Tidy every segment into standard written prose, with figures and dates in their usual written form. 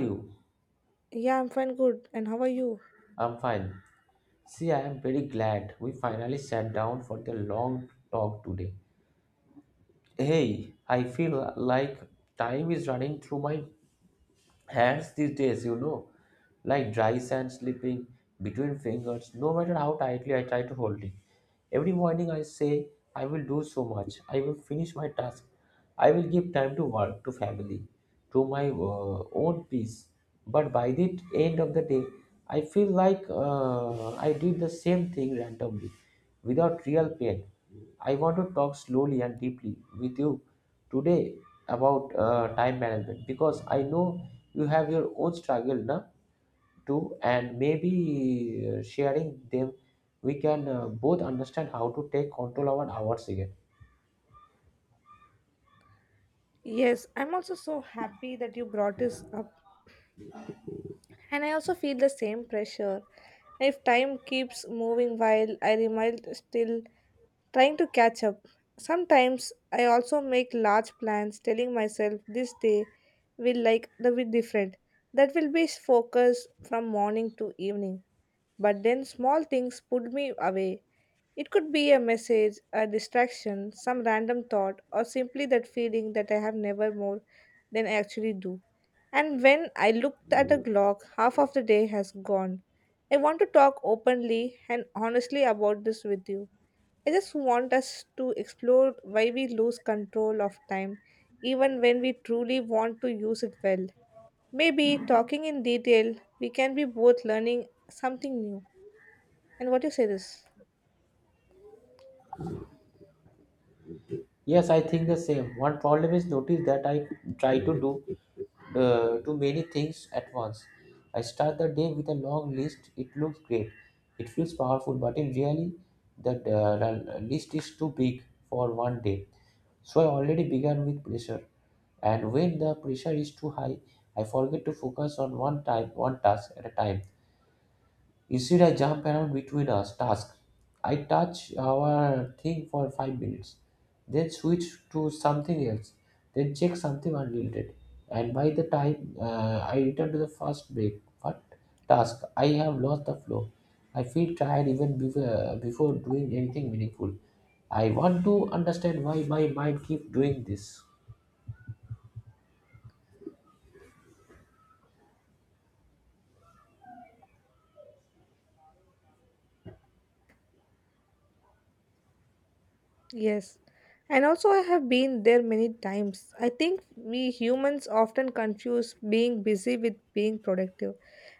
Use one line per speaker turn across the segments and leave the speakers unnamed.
You?
Yeah, I'm fine, good. And how are you?
I'm fine. See, I am very glad we finally sat down for the long talk today. Hey, I feel like time is running through my hands these days, you know, like dry sand slipping between fingers, no matter how tightly I try to hold it. Every morning I say, I will do so much. I will finish my task. I will give time to work, to family, to my own peace. But by the end of the day, I feel like I did the same thing randomly, without real pain. I want to talk slowly and deeply with you today about time management because I know you have your own struggle, na? Too, and maybe sharing them we can both understand how to take control of ours again.
Yes, I'm also so happy that you brought this up. And I also feel the same pressure. If time keeps moving while I remain still trying to catch up. Sometimes I also make large plans telling myself this day will like the be different. That will be focused from morning to evening. But then small things pulled me away. It could be a message, a distraction, some random thought, or simply that feeling that I have never more than I actually do. And when I looked at the clock, half of the day has gone. I want to talk openly and honestly about this with you. I just want us to explore why we lose control of time, even when we truly want to use it well. Maybe talking in detail, we can be both learning something new. And what do you say this?
Yes, I think the same. One problem is notice that I try to do too many things at once. I start the day with a long list. It looks great, it feels powerful, but in reality that the list is too big for one day, so I already began with pressure. And when the pressure is too high, I forget to focus on one time, one task at a time. Instead, I jump around between us tasks. I touch our thing for 5 minutes, then switch to something else, then check something unrelated. And by the time I return to the first break, what task? I have lost the flow. I feel tired even before doing anything meaningful. I want to understand why my mind keeps doing this.
Yes. And also I have been there many times. I think we humans often confuse being busy with being productive.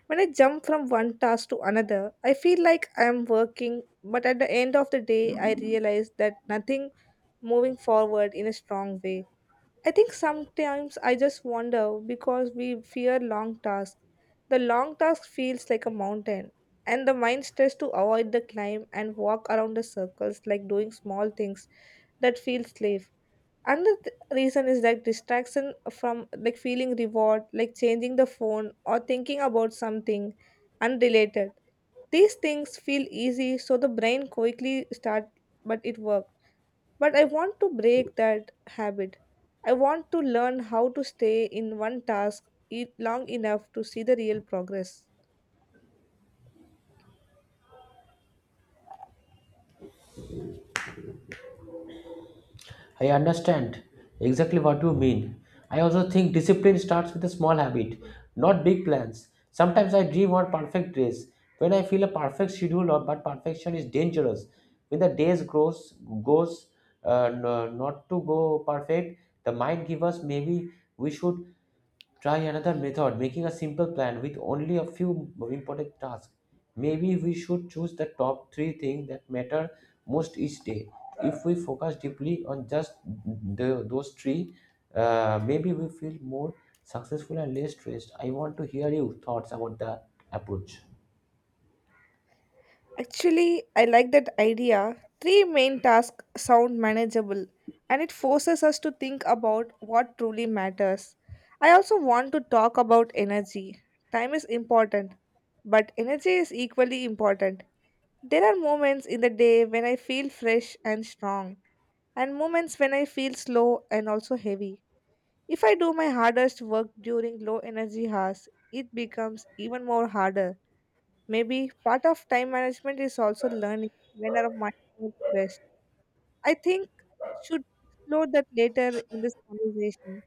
When I jump from one task to another, I feel like I am working, but at the end of the day I realize that nothing moving forward in a strong way. I think sometimes I just wonder because we fear long tasks. The long task feels like a mountain, and the mind tries to avoid the climb and walk around the circles like doing small things that feel slave. Another reason is like distraction from like feeling reward, like changing the phone or thinking about something unrelated. These things feel easy, so the brain quickly start, but it worked. But I want to break that habit. I want to learn how to stay in one task long enough to see the real progress.
I understand exactly what you mean. I also think discipline starts with a small habit, not big plans. Sometimes I dream of perfect days, when I feel a perfect schedule. Or but perfection is dangerous. When the days goes uh, n- not to go perfect, the mind gives us maybe we should try another method, making a simple plan with only a few important tasks. Maybe we should choose the top three things that matter most each day. If we focus deeply on just those three, maybe we feel more successful and less stressed. I want to hear your thoughts about the approach.
Actually, I like that idea. Three main tasks sound manageable and it forces us to think about what truly matters. I also want to talk about energy. Time is important, but energy is equally important. There are moments in the day when I feel fresh and strong, and moments when I feel slow and also heavy. If I do my hardest work during low energy hours, it becomes even more harder. Maybe part of time management is also learning when our mind works best. I think should explore that later in this conversation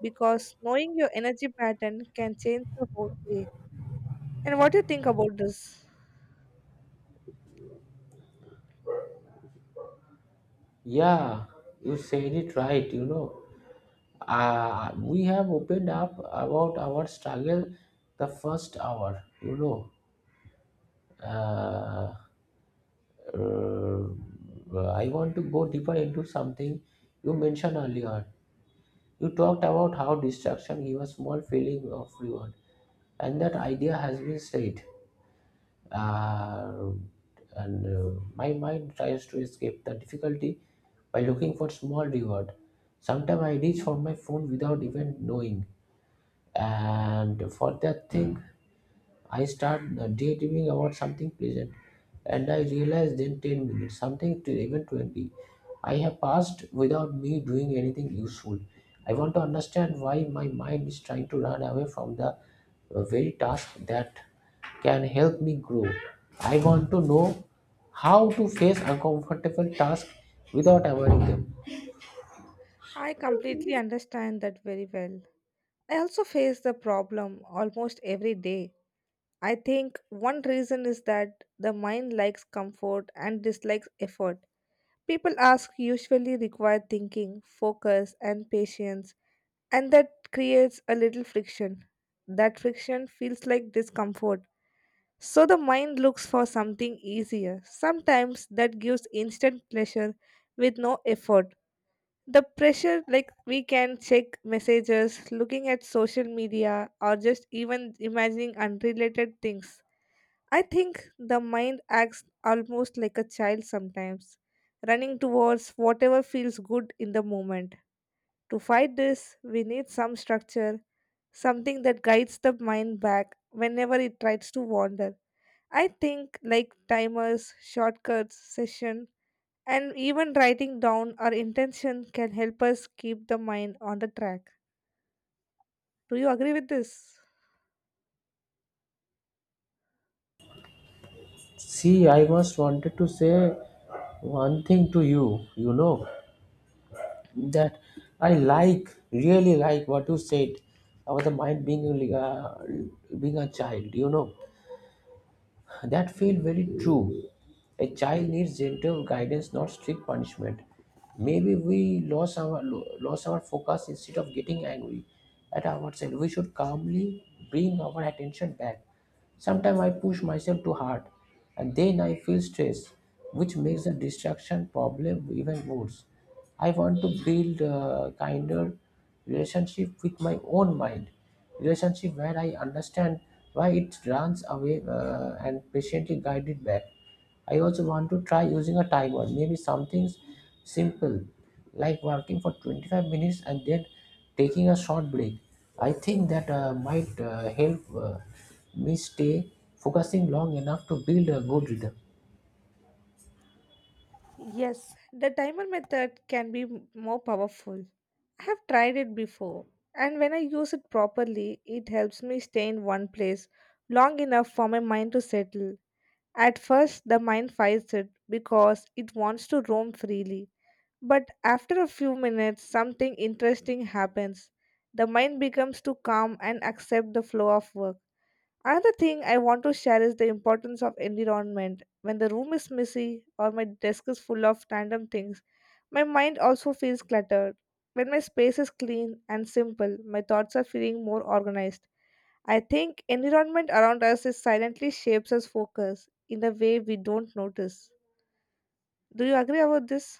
because knowing your energy pattern can change the whole day. And what do you think about this?
Yeah, you said it right, you know. We have opened up about our struggle the first hour, you know. uh, Uh, I want to go deeper into something you mentioned earlier. You talked about how distraction gives a small feeling of reward, and that idea has been said. Uh, and My mind tries to escape the difficulty by looking for small reward. Sometimes I reach for my phone without even knowing, and for that thing, I start daydreaming about something pleasant, and I realize then 10 minutes, something to even 20. I have passed without me doing anything useful. I want to understand why my mind is trying to run away from the very task that can help me grow. I want to know how to face uncomfortable tasks without avoiding them.
I completely understand that very well. I also face the problem almost every day. I think one reason is that the mind likes comfort and dislikes effort. People ask usually require thinking, focus, and patience, and that creates a little friction. That friction feels like discomfort. So the mind looks for something easier. Sometimes that gives instant pleasure with no effort the pressure like we can check messages looking at social media or just even imagining unrelated things. I think the mind acts almost like a child sometimes, running towards whatever feels good in the moment. To fight this we need some structure, something that guides the mind back whenever it tries to wander. I think like timers, shortcuts, session and even writing down our intention can help us keep the mind on the track. Do you agree with this?
See, I must wanted to say one thing to you, you know, that really like what you said about the mind being being a child. You know, that feel very true. A child needs gentle guidance, not strict punishment. Maybe we lost our focus. Instead of getting angry at ourselves, we should calmly bring our attention back. Sometimes I push myself too hard and then I feel stress, which makes the distraction problem even worse. I want to build a kinder relationship with my own mind, relationship where I understand why it runs away and patiently guide it back. I also want to try using a timer, maybe something simple like working for 25 minutes and then taking a short break. I think that might help me stay focusing long enough to build a good rhythm,
Yes, the timer method can be more powerful. I have tried it before, and when I use it properly, it helps me stay in one place long enough for my mind to settle. At first, the mind fights it because it wants to roam freely. But after a few minutes, something interesting happens. The mind becomes too calm and accept the flow of work. Another thing I want to share is the importance of environment. When the room is messy or my desk is full of random things, my mind also feels cluttered. When my space is clean and simple, my thoughts are feeling more organized. I think environment around us is silently shapes us focus in a way we don't notice. Do you agree about this?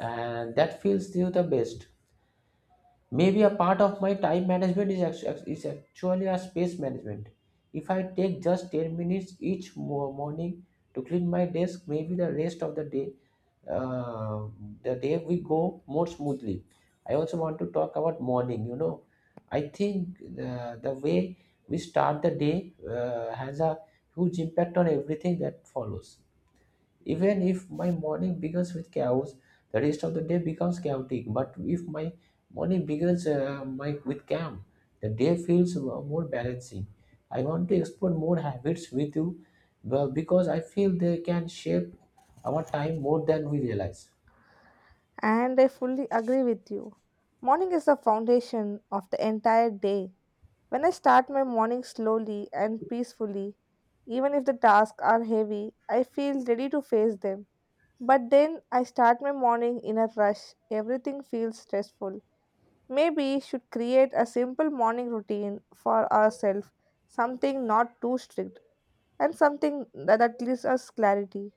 and that feels you the best. Maybe a part of my time management is, is actually a space management. If I take just 10 minutes each morning to clean my desk, maybe the rest of the day, uh, the day we go more smoothly. I also want to talk about morning, you know. I think the way we start the day has a huge impact on everything that follows. Even if my morning begins with chaos, the rest of the day becomes chaotic. But if my morning begins with calm, the day feels more balancing. I want to explore more habits with you well, because I feel they can shape our time more than we realize.
And I fully agree with you. Morning is the foundation of the entire day. When I start my morning slowly and peacefully, even if the tasks are heavy, I feel ready to face them. But then I start my morning in a rush. Everything feels stressful. Maybe should create a simple morning routine for ourselves, something not too strict and something that gives us clarity.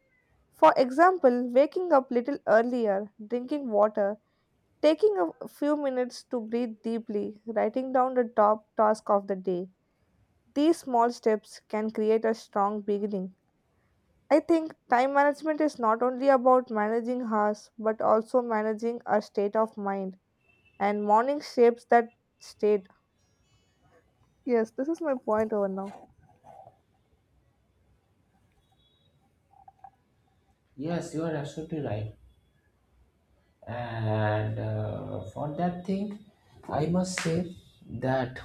For example, waking up little earlier, drinking water, taking a few minutes to breathe deeply, writing down the top task of the day, these small steps can create a strong beginning. I think time management is not only about managing hours but also managing our state of mind, and morning shapes that state. Yes, this is my point over now.
Yes, you are absolutely right. And for that thing, I must say that,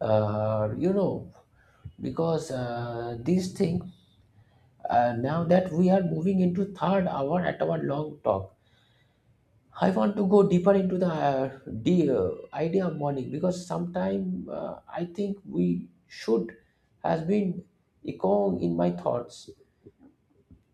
you know, because these things. Now that we are moving into third hour at our long talk, I want to go deeper into the idea of morning, because sometime I think we should has been echoing in my thoughts.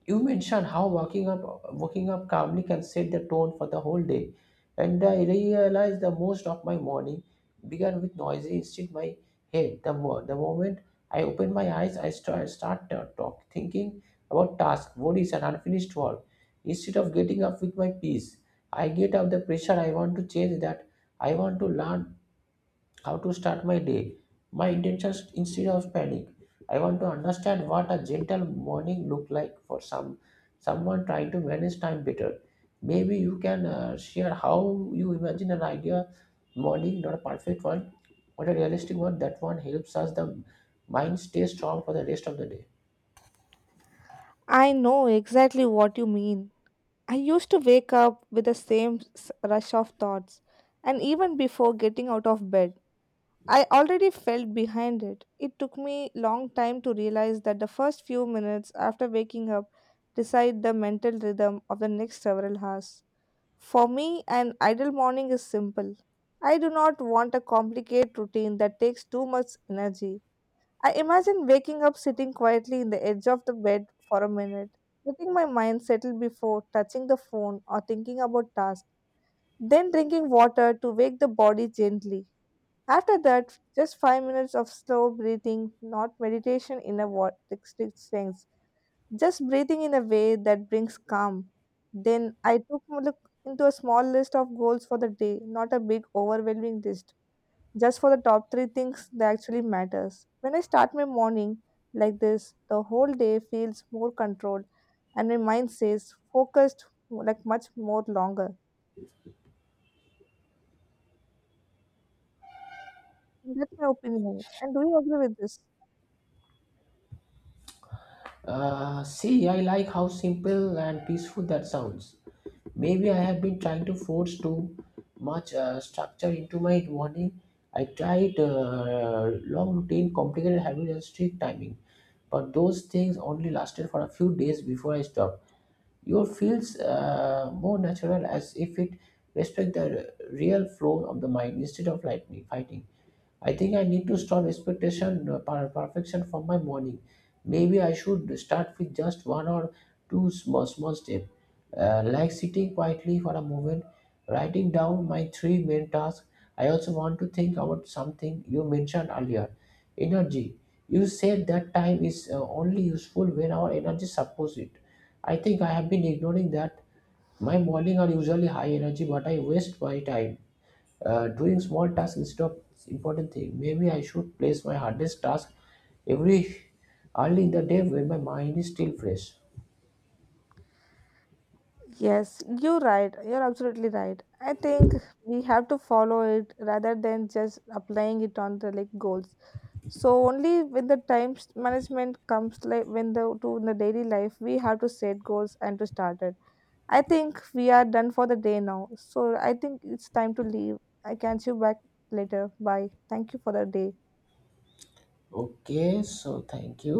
You mentioned how walking up calmly can set the tone for the whole day, and I realized the most of my morning began with noisy instinct in my head. The moment I opened my eyes, I start thinking about tasks, worries, and unfinished work. Instead of getting up with my peace, I get up the pressure. I want to change that. I want to learn how to start my day. My intentions instead of panic. I want to understand what a gentle morning look like for someone trying to manage time better. Maybe you can share how you imagine an idea morning, not a perfect one, but a realistic one. That one helps us the mind stay strong for the rest of the day.
I know exactly what you mean. I used to wake up with the same rush of thoughts, and even before getting out of bed. I already felt behind it. It took me long time to realize that the first few minutes after waking up decide the mental rhythm of the next several hours. For me, an ideal morning is simple. I do not want a complicated routine that takes too much energy. I imagine waking up sitting quietly in the edge of the bed for a minute, letting my mind settle before touching the phone or thinking about tasks, then drinking water to wake the body gently. After that, just 5 minutes of slow breathing, not meditation in a what strict sense, just breathing in a way that brings calm. Then I took a look into a small list of goals for the day, not a big overwhelming list, just for the top three things that actually matters. When I start my morning like this, the whole day feels more controlled, and my mind stays focused like much more longer. That's my opinion. And do you agree with this?
See, I like how simple and peaceful that sounds. Maybe I have been trying to force too much structure into my morning. I tried long routine, complicated habits, and strict timing, but those things only lasted for a few days before I stopped. Your feels more natural, as if it respect the real flow of the mind instead of like fighting. I think I need to stop expectation perfection from my morning. Maybe I should start with just one or two small steps, like sitting quietly for a moment, writing down my three main tasks. I also want to think about something you mentioned earlier, energy. You said that time is only useful when our energy supports it. I think I have been ignoring that. My morning are usually high energy, but I waste my time doing small tasks instead of important thing. Maybe I should place my hardest task every early in the day when my mind is still fresh.
Yes, you're right. You're absolutely right. I think we have to follow it rather than just applying it on the like goals. So only when the time management comes like when the to in the daily life we have to set goals and to start it. I think we are done for the day now. So I think it's time to leave. I can see you back later. Bye. Thank you for the day.
Okay, so thank you.